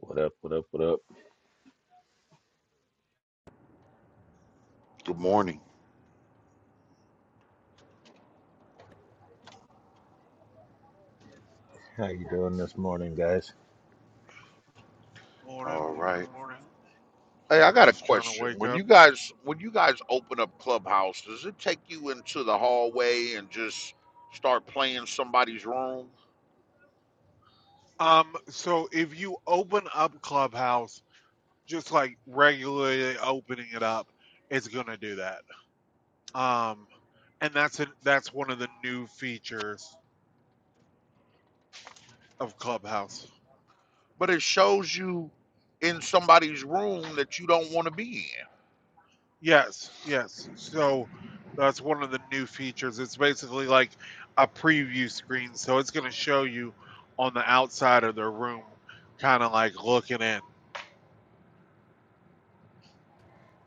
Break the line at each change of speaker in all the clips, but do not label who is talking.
What up? What up? What up?
Good morning.
How you doing this morning, guys?
Morning,
All
morning,
right.
morning.
Hey, I got a
Just trying to
question.
wake
When
up.
you guys when you guys open up Clubhouse, does it take you into the hallway and just start playing somebody's room?
Um, so if you open up Clubhouse, just like regularly opening it up, it's gonna do that. Um, and that's a, that's one of the new features of Clubhouse.
But it shows you in somebody's room that you don't want to be
Yes, yes. So that's one of the new features. It's basically like a preview screen, so it's gonna show you on the outside of the room, kind of like looking in.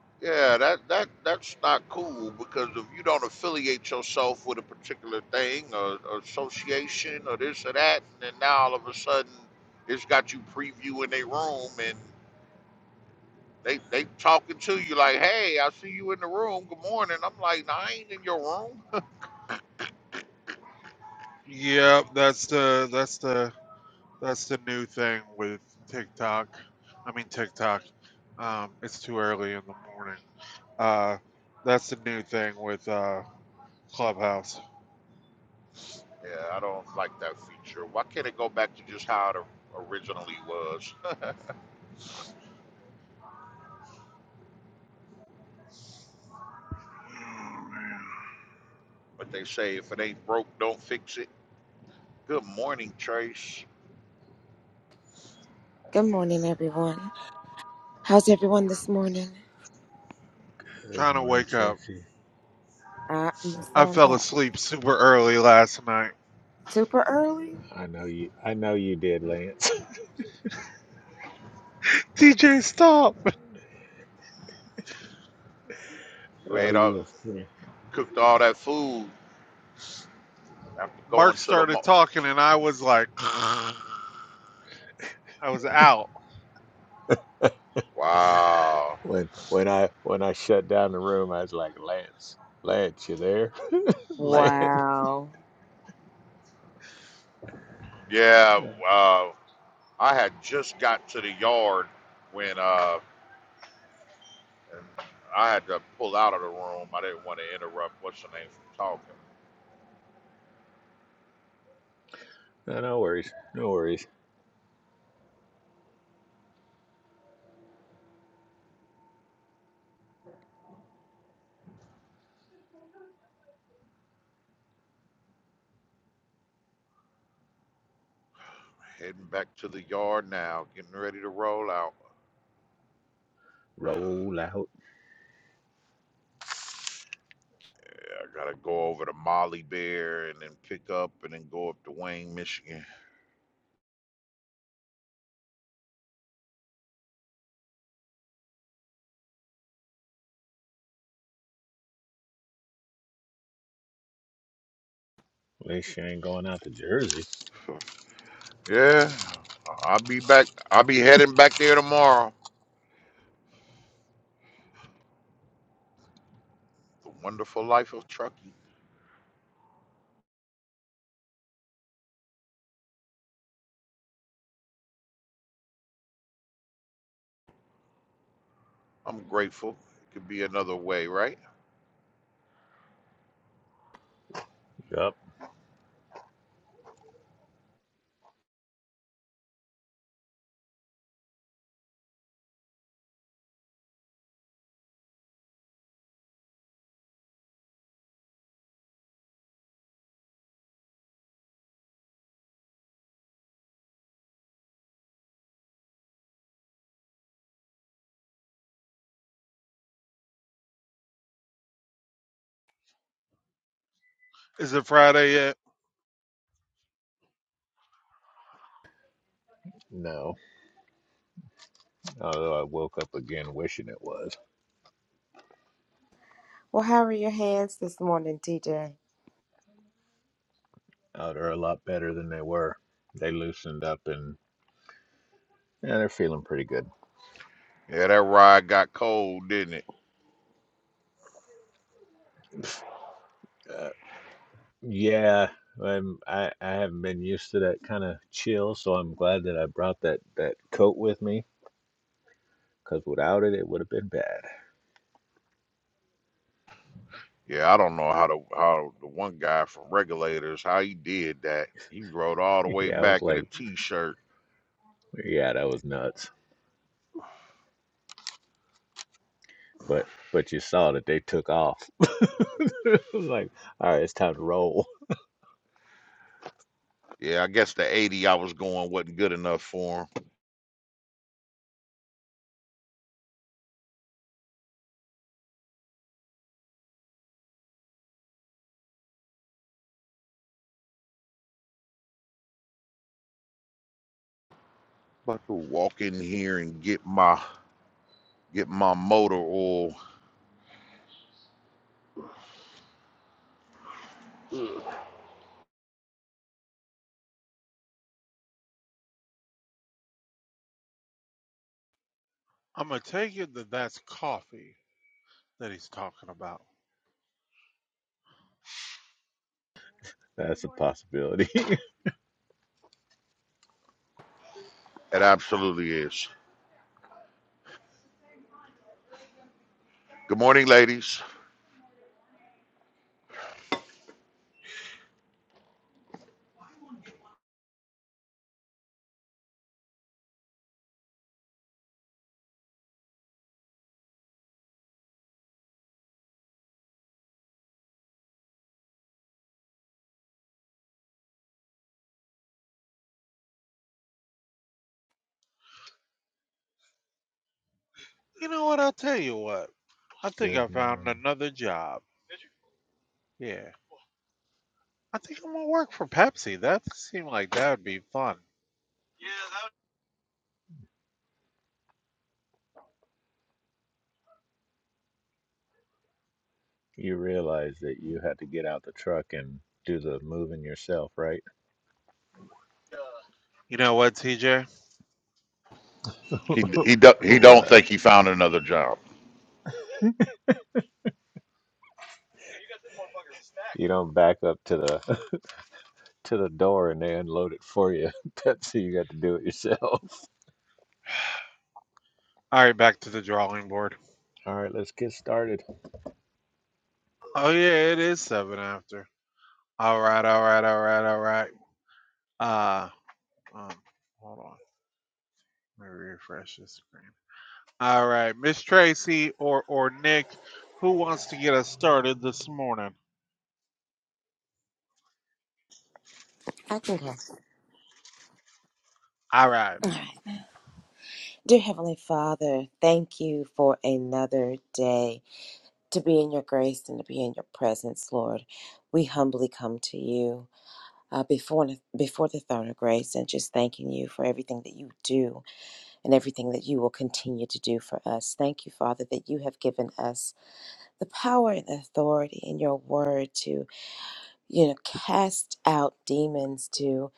in. Yeah, that that that's not cool because if you don't affiliate yourself with a particular thing or, or association or this or that, then now all of a sudden it's got you previewing a room and They they talking to you like, hey, I see you in the room. Good morning. I'm like, "No, I ain't in your room.
Yep, that's the that's the That's the new thing with TikTok. I mean TikTok. Um, it's too early in the morning. Uh, that's the new thing with uh, Clubhouse.
Yeah, I don't like that feature. Why can't it go back to just how it originally was?
Oh, man.
But they say if it ain't broke, don't fix it. Good morning, Trace.
Good morning, everyone. How's everyone
Morning.
this morning?
Good
Trying to
morning,
wake up.
Tracy.
I
I
understand
fell
that.
asleep super early last night.
Super early?
I know you. I know you did, Lance.
DJ, stop.
You
oh,
ate all,
you a fool.
cooked all that food after
Mark
going to the
started
mall.
talking, and I was like, I was out.
Wow.
When when I when I shut down the room, I was like, Lance, Lance, you there? Lance.
Wow.
Yeah.
Uh,
Uh, I had just got to the yard when uh, and I had to pull out of the room. I didn't want to interrupt what's her name from talking.
No, no worries. No worries.
Heading back to the yard now, getting ready to roll out.
Roll out.
I gotta go over to Molly Bear and then pick up and then go up to Wayne, Michigan.
At least you ain't going out to Jersey.
So, yeah, I'll be back. I'll be heading back there tomorrow. The wonderful life of Truckee. I'm grateful. It could be another way, right?
Yup.
Is it Friday yet?
No. Although I woke up again wishing it was.
Well, how are your hands this morning, TJ?
Oh, they're a lot better than they were. They loosened up and yeah, they're feeling pretty good.
Yeah, that ride got cold, didn't it?
Uh, Yeah, I'm I, I haven't been used to that kind of chill, so I'm glad that I brought that that coat with me. Because without it, it would have been bad.
Yeah, I don't know how the how the one guy from Regulators how he did that. He rode all the way
Yeah, I was
back in a
like,
t-shirt.
yeah, that was nuts. But but you saw that they took off. Like, all right, it's time to roll.
Yeah, I guess the 80 I was going wasn't good enough for him. about to walk in here and get my get my motor oil.
I'm gonna take it that that's coffee that he's talking about.
That's a possibility.
It absolutely is. Good morning, ladies.
You know what? I'll tell you what. I think I
Good
found
morning.
another job. Did you? Yeah. I think I'm gonna work for Pepsi. That seemed like that would be fun. Yeah, that
You realize that you had to get out the truck and do the moving yourself, right?
would. uh, You know what, TJ? very demanding.
He he do, he don't
What?
think he found another job.
Hey, you got this motherfucker stacked.
You don't back up to the to the door and they unload it for you. Pepsi, you got to do it yourself.
All right, back to the drawing board.
All right, let's get started.
Oh yeah, it is seven after. All right, all right, all right, all right. Uh, um, hold on. Let me refresh the screen. All right, Miss Tracy or or Nick, who wants to get us started this morning?
I can go. All
All right.
right. Dear Heavenly Father, thank you for another day to be in your grace and to be in your presence, Lord. We humbly come to you uh, before, before the throne of grace and just thanking you for everything that you do and everything that you will continue to do for us. Thank you, Father, that you have given us the power and authority in your word to you know cast out demons to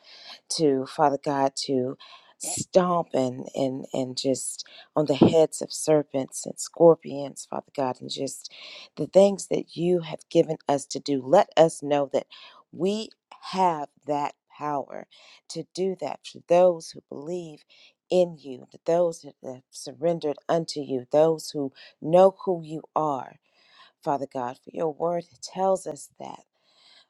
to father god to stomp and and and just on the heads of serpents and scorpions father god and just the things that you have given us to do let us know that we have that power to do that for those who believe in you to those that have surrendered unto you those who know who you are Father God, for your word tells us that.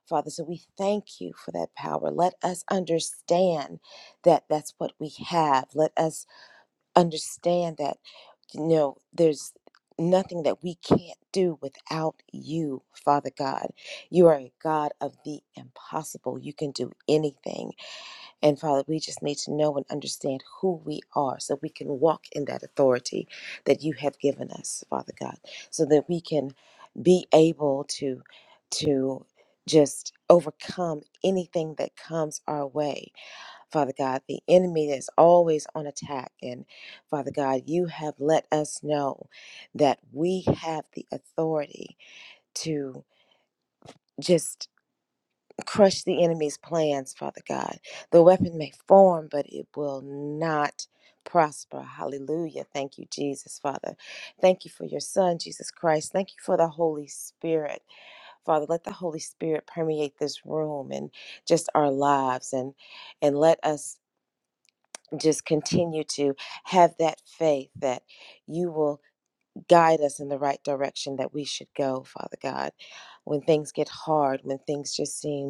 Father, so we thank you for that power. Let us understand that that's what we have. Let us understand that, you know, there's nothing that we can't do without you, Father God. You are a God of the impossible. You can do anything. And Father, we just need to know and understand who we are so we can walk in that authority that you have given us, Father God, so that we can be able to to just overcome anything that comes our way. Father God, the enemy is always on attack and Father God, you have let us know that we have the authority to just Crush the enemy's plans, Father God. The weapon may form, but it will not prosper. Hallelujah. Thank you, Jesus, Father. Thank you for your Son, Jesus Christ. Thank you for the Holy Spirit, Father. Let the Holy Spirit permeate this room and just our lives and and let us just continue to have that faith that you will guide us in the right direction that we should go, Father God. When things get hard, when things just seem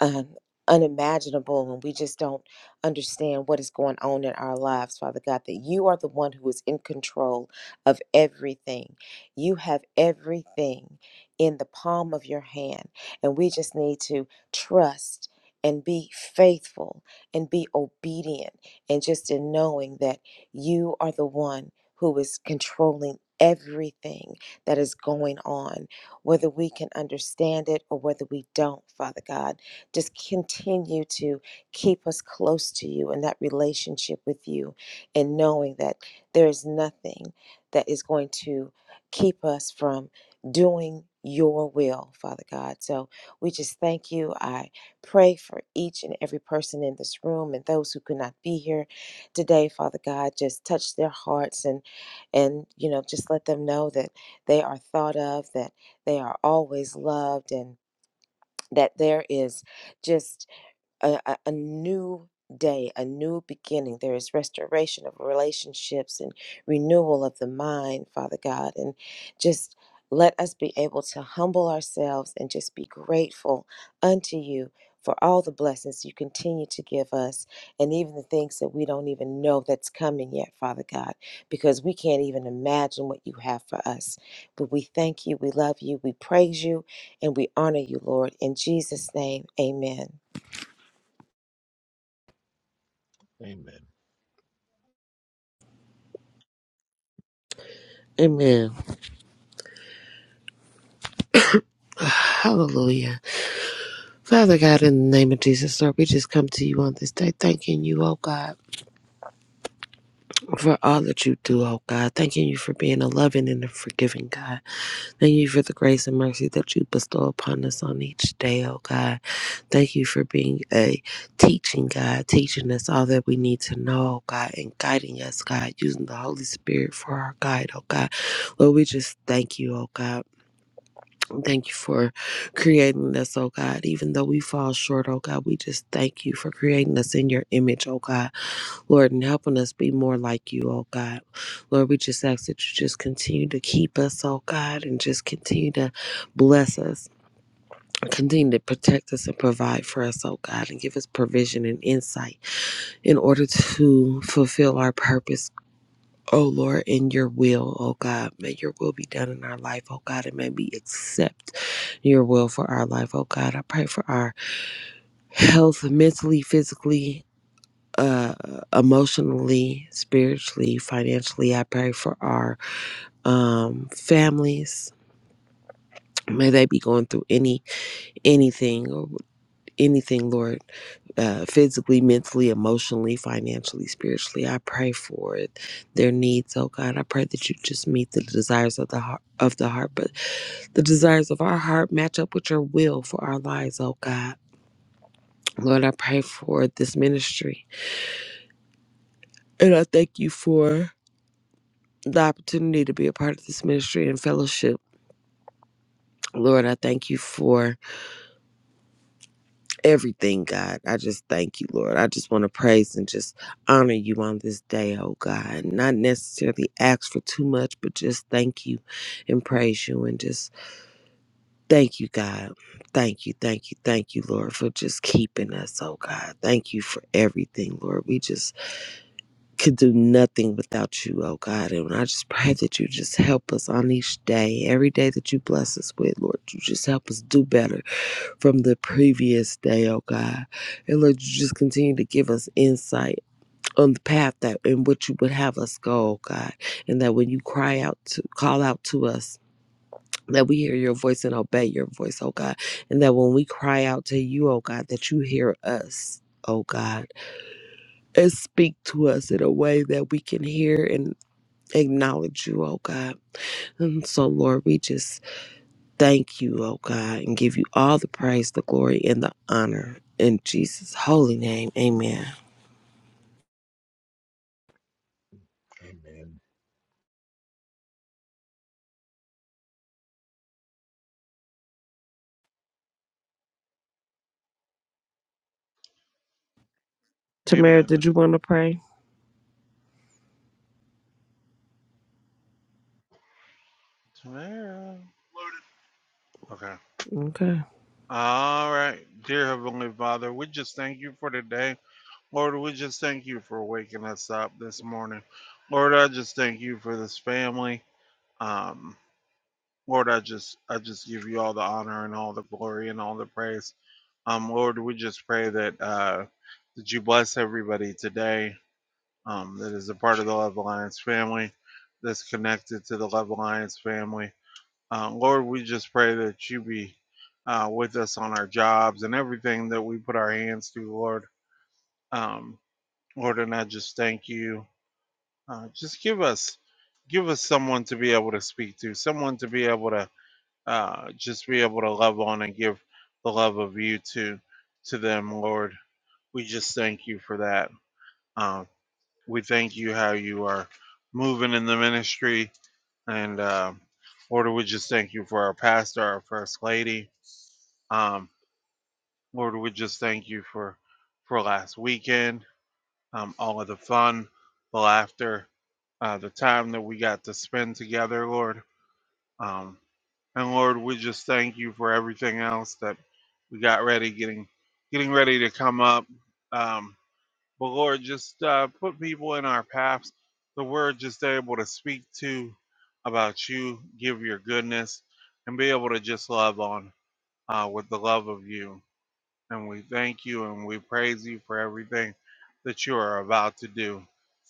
un, unimaginable and we just don't understand what is going on in our lives, Father God, that you are the one who is in control of everything. You have everything in the palm of your hand, and we just need to trust. And be faithful and be obedient, and just in knowing that you are the one who is controlling everything that is going on, whether we can understand it or whether we don't, Father God just continue to keep us close to you and that relationship with you, and knowing that there is nothing that is going to keep us from doing your will, Father God. So we just thank you. I pray for each and every person in this room and those who could not be here today, Father God. Just touch their hearts and and you know just let them know that they are thought of that they are always loved and that there is just a, a, a new day, a new beginning. There is restoration of relationships and renewal of the mind, Father God. And just let us be able to humble ourselves and just be grateful unto you for all the blessings you continue to give us and even the things that we don't even know that's coming yet, Father God, because we can't even imagine what you have for us. But we thank you, we love you, we praise you, and we honor you, Lord. In Jesus' name, amen.
Amen.
Amen. Hallelujah. Father God, in the name of Jesus, Lord, we just come to you on this day, thanking you, oh God, for all that you do, oh God. Thanking you for being a loving and a forgiving God. Thank you for the grace and mercy that you bestow upon us on each day, oh God. Thank you for being a teaching God, teaching us all that we need to know, oh God, and guiding us, God, using the Holy Spirit for our guide, oh God. Lord, we just thank you, oh God. Thank you for creating us, oh God. Even though we fall short, oh God, we just thank you for creating us in your image, oh God. Lord, and helping us be more like you, oh God. Lord, we just ask that you just continue to keep us, oh God, and just continue to bless us. Continue to protect us and provide for us, oh God, and give us provision and insight in order to fulfill our purpose, oh Lord, in your will, oh God. May your will be done in our life, oh God, and may we accept your will for our life, oh God. I pray for our health mentally, physically, uh emotionally, spiritually, financially. I pray for our um families. May they be going through any anything, oh, anything, Lord, uh, physically, mentally, emotionally, financially, spiritually. I pray for it, their needs. Oh God, I pray that you just meet the desires of the heart, of the heart, but the desires of our heart match up with your will for our lives. Oh God, Lord, I pray for this ministry, and I thank you for the opportunity to be a part of this ministry and fellowship. Lord, I thank you for. everything, God. I just thank you, Lord. I just want to praise and just honor you on this day, oh God. Not necessarily ask for too much, but just thank you and praise you and just thank you, God. Thank you, thank you, thank you, Lord, for just keeping us, oh God. Thank you for everything, Lord. We just could do nothing without you, oh God. And I just pray that you just help us on each day, every day that you bless us with, Lord. You just help us do better from the previous day, oh God. And Lord, you just continue to give us insight on the path that in which you would have us go, oh God. And that when you cry out to call out to us, that we hear your voice and obey your voice, oh God. And that when we cry out to you, oh God, that you hear us, oh God. And speak to us in a way that we can hear and acknowledge you, oh God. And so Lord, we just Thank you, oh God, and give you all the praise, the glory, and the honor. In Jesus' holy name, amen.
Amen.
Tamara,
Amen.
did you want to pray?
Tamara. Okay.
Okay.
All right. Dear Heavenly Father, we just thank you for today. Lord, we just thank you for waking us up this morning. Lord, I just thank you for this family. Um, Lord, I just I just give you all the honor and all the glory and all the praise. Um, Lord, we just pray that uh that you bless everybody today um, that is a part of the Love Alliance family, that's connected to the Love Alliance family. Uh, Lord, we just pray that you be uh, with us on our jobs and everything that we put our hands to, Lord. Um, Lord, and I just thank you. Uh, just give us, give us someone to be able to speak to, someone to be able to uh, just be able to love on and give the love of you to to them, Lord. We just thank you for that. Uh, we thank you how you are moving in the ministry, and uh, Lord, we just thank you for our pastor, our first lady Um, Lord, we just thank you for for last weekend, um, all of the fun, the laughter, uh, the time that we got to spend together, Lord. Um, and Lord, we just thank you for everything else that we got ready, getting getting ready to come up. Um, but Lord, just uh, put people in our paths that we're just able to speak to about you, give your goodness, and be able to just love on uh, with the love of you. And we thank you and we praise you for everything that you are about to do.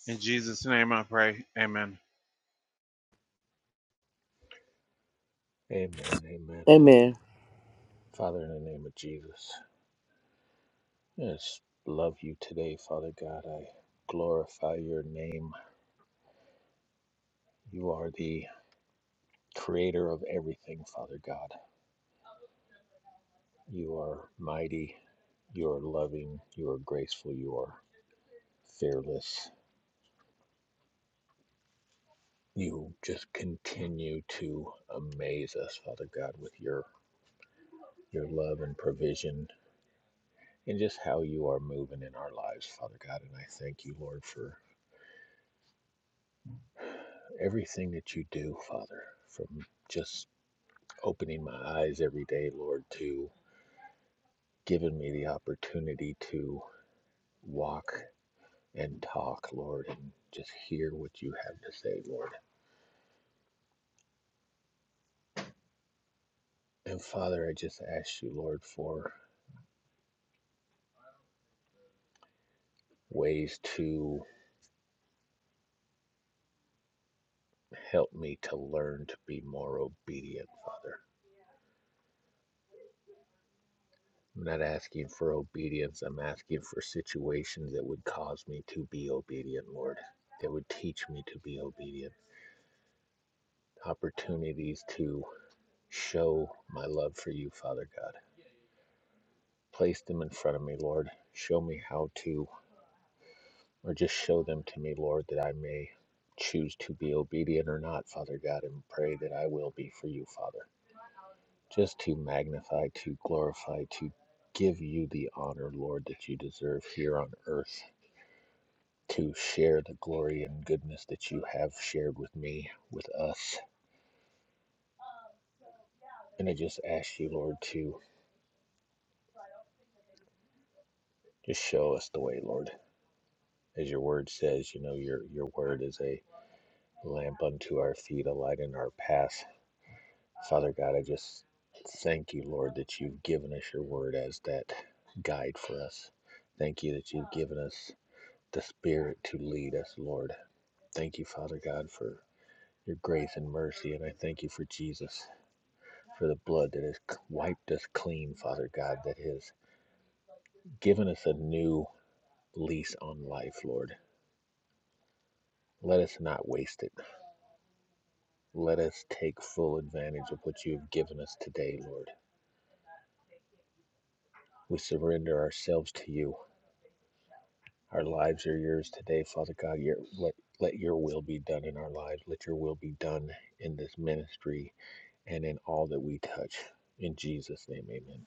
In Jesus' name I pray. Amen.
Amen. Amen.
Amen.
Father, in the name of Jesus, I just love you today, Father God. I glorify your name. You are the creator of everything, Father God. You are mighty. You are loving. You are graceful. You are fearless. You just continue to amaze us, Father God, with your your love and provision and just how you are moving in our lives, Father God. And I thank you, Lord, for everything that you do, Father, from just opening my eyes every day, Lord, to giving me the opportunity to walk and talk, Lord, and just hear what you have to say, Lord. And Father, I just ask you, Lord, for ways to help me to learn to be more obedient, Father I'm not asking for obedience. I'm asking for situations that would cause me to be obedient, Lord, that would teach me to be obedient, opportunities to show my love for you, Father God. Place them in front of me, Lord. Show me how to, or just show them to me, Lord, that I may choose to be obedient or not, Father God, and pray that I will be for you, Father. Just to magnify, to glorify, to give you the honor, Lord, that you deserve here on earth to share the glory and goodness that you have shared with me, with us. And I just ask you, Lord, to just show us the way, Lord. As your word says, you know, your your word is a lamp unto our feet, a light in our path. Father God, I just thank you, Lord, that you've given us your word as that guide for us. Thank you that you've given us the spirit to lead us, Lord. Thank you, Father God, for your grace and mercy, and I thank you for Jesus. for the blood that has wiped us clean, Father God, that has given us a new lease on life, Lord. Let us not waste it. Let us take full advantage of what you have given us today, Lord. We surrender ourselves to you. Our lives are yours today, Father God. Your, let, let your will be done in our lives. Let your will be done in this ministry and in all that we touch. In Jesus' name, amen.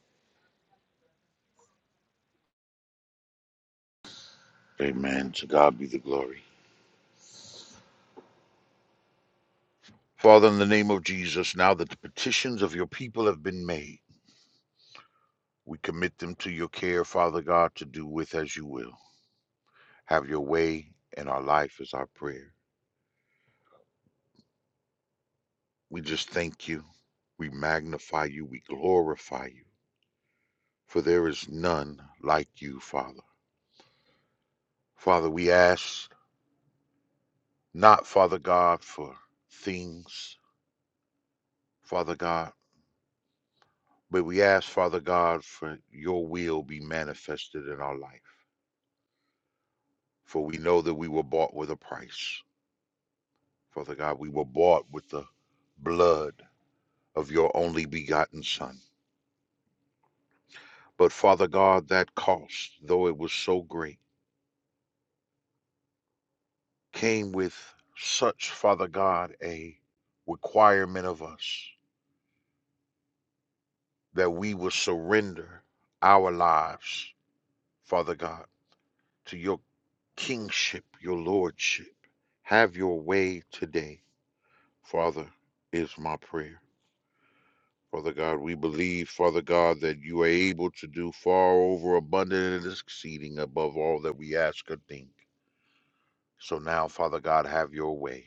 Amen. To God be the glory. Father, in the name of Jesus, now that the petitions of your people have been made, we commit them to your care, Father God, to do with as you will. Have your way in our life is our prayer. We just thank you. We magnify you. We glorify you. For there is none like you, Father. Father, we ask not, Father God, for things, Father God, but we ask, Father God, for your will be manifested in our life. For we know that we were bought with a price. Father God, we were bought with the blood of your only begotten Son. But Father God, that cost, though it was so great, came with such, Father God, a requirement of us that we would surrender our lives, Father God to your kingship, your lordship. Have your way today, Father, is my prayer. Father God, we believe, Father God, that you are able to do far over abundant and exceeding above all that we ask or think. So now, Father God, have your way.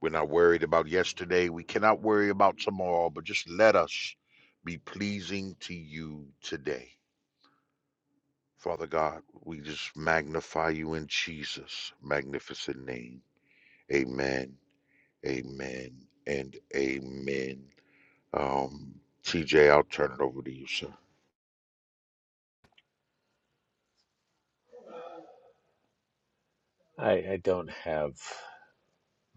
We're not worried about yesterday. We cannot worry about tomorrow, but just let us be pleasing to you today. Father God, we just magnify you in Jesus' magnificent name. Amen Amen and amen. Um, TJ, I'll turn it over to you, sir.
I, I don't have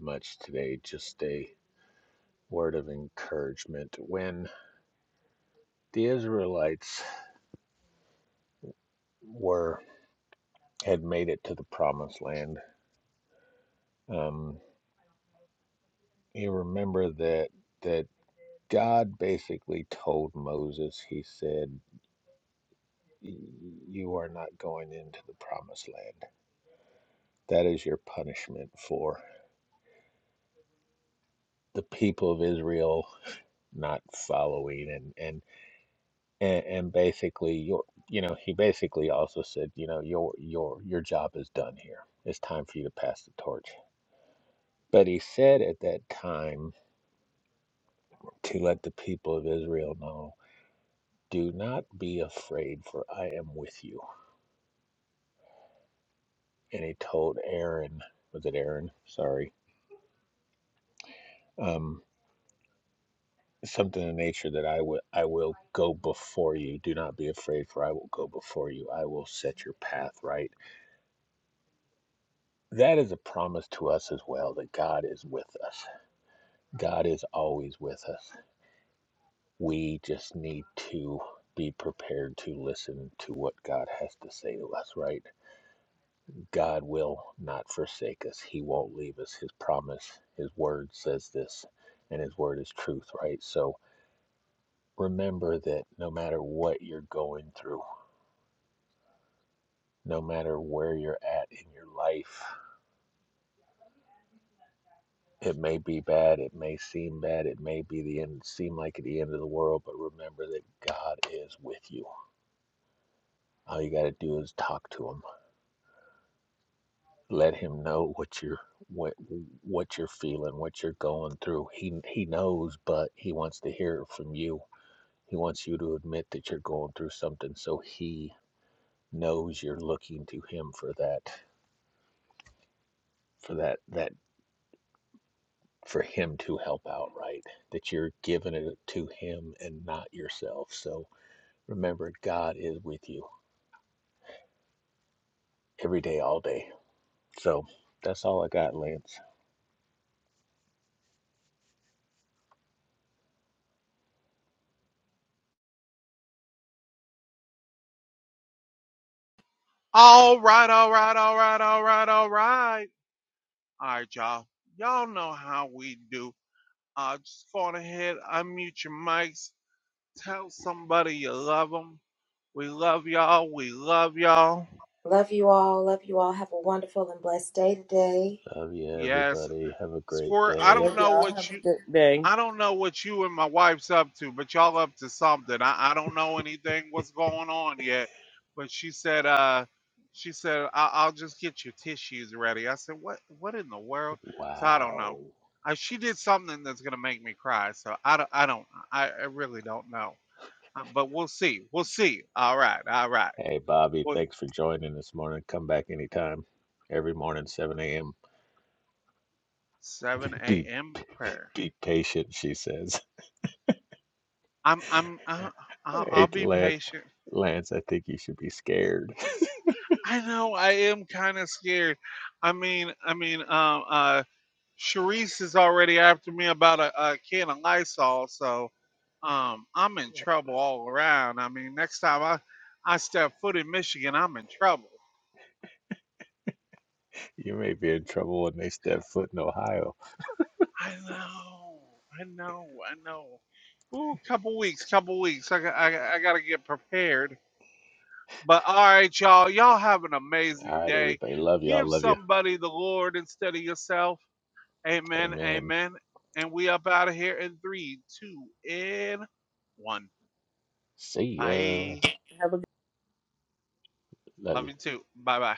much today, just a word of encouragement. When the Israelites were had made it to the promised land, um, you remember that that God basically told Moses, he said, "You are not going into the promised land. That is your punishment for the people of Israel not following and and and, and basically your you know he basically also said you know your your your job is done here it's time for you to pass the torch But he said at that time to let the people of Israel know, Do not be afraid, for I am with you. And he told Aaron, was it Aaron? Sorry. Um, something in nature that I will I will go before you. Do not be afraid, for I will go before you. I will set your path right. That is a promise to us as well that God is with us. God is always with us. We just need to be prepared to listen to what God has to say to us, right? God will not forsake us. He won't leave us. His promise, His word says this, and His word is truth, right? So remember that no matter what you're going through, no matter where you're at in your life, it may be bad, it may seem bad, it may be the end, seem like the end of the world, but remember that God is with you. All you got to do is talk to Him. Let Him know what you're what what you're feeling, what you're going through. He He knows, but He wants to hear it from you He wants you to admit that you're going through something so he knows you're looking to him for that for that that for him to help out, right? That you're giving it to him and not yourself. So remember God is with you every day all day. So that's all I got, Lance.
All right, all right, all right, all right, all right. All right, y'all. Y'all know how we do. Uh, just go on ahead, unmute your mics. Tell somebody you love them. We love y'all. We love y'all.
Love you all. Love you all. Have a wonderful and blessed day today.
Love you
Yes.
everybody. Have a great
Squirt, I
day.
don't
Thank
know
y'all.
what
Have a
you
good day.
I don't know what you and my wife's up to, but y'all up to something. I, I don't know anything what's going on yet. But she said, uh, she said, I, I'll just get your tissues ready. I said, what, what in the world? So I don't know.
Wow.
I, she did something that's gonna make me cry. So I don't, I don't, I, I really don't know. Uh, But we'll see. We'll see. All right. All right.
Hey Bobby,
Well,
thanks for joining this morning. Come back anytime. Every morning, seven AM.
7
Be
a.m. prayer.
be patient, she says.
I'm, I'm, I, I'll, I'll
Hey
be
Lance.
patient.
Lance, I think you should be scared.
I know I am kind of scared. I mean, I mean, um, uh, Sharice is already after me about a, a can of Lysol, so um, I'm in trouble all around. I mean, next time I, I step foot in Michigan, I'm in trouble.
You may be in trouble when they step foot in Ohio.
I know, I know, I know. Ooh, couple weeks, couple weeks. I, got- I, I gotta get prepared. But all right, y'all, y'all have an
All
amazing
right,
day.
everybody. Love y'all.
Give
Love you.
somebody the Lord instead of yourself Amen.
Amen.
Amen. And we up out of here in three, two, and one.
See ya.
Bye.
Have a
Love you.
Love you too. Bye bye.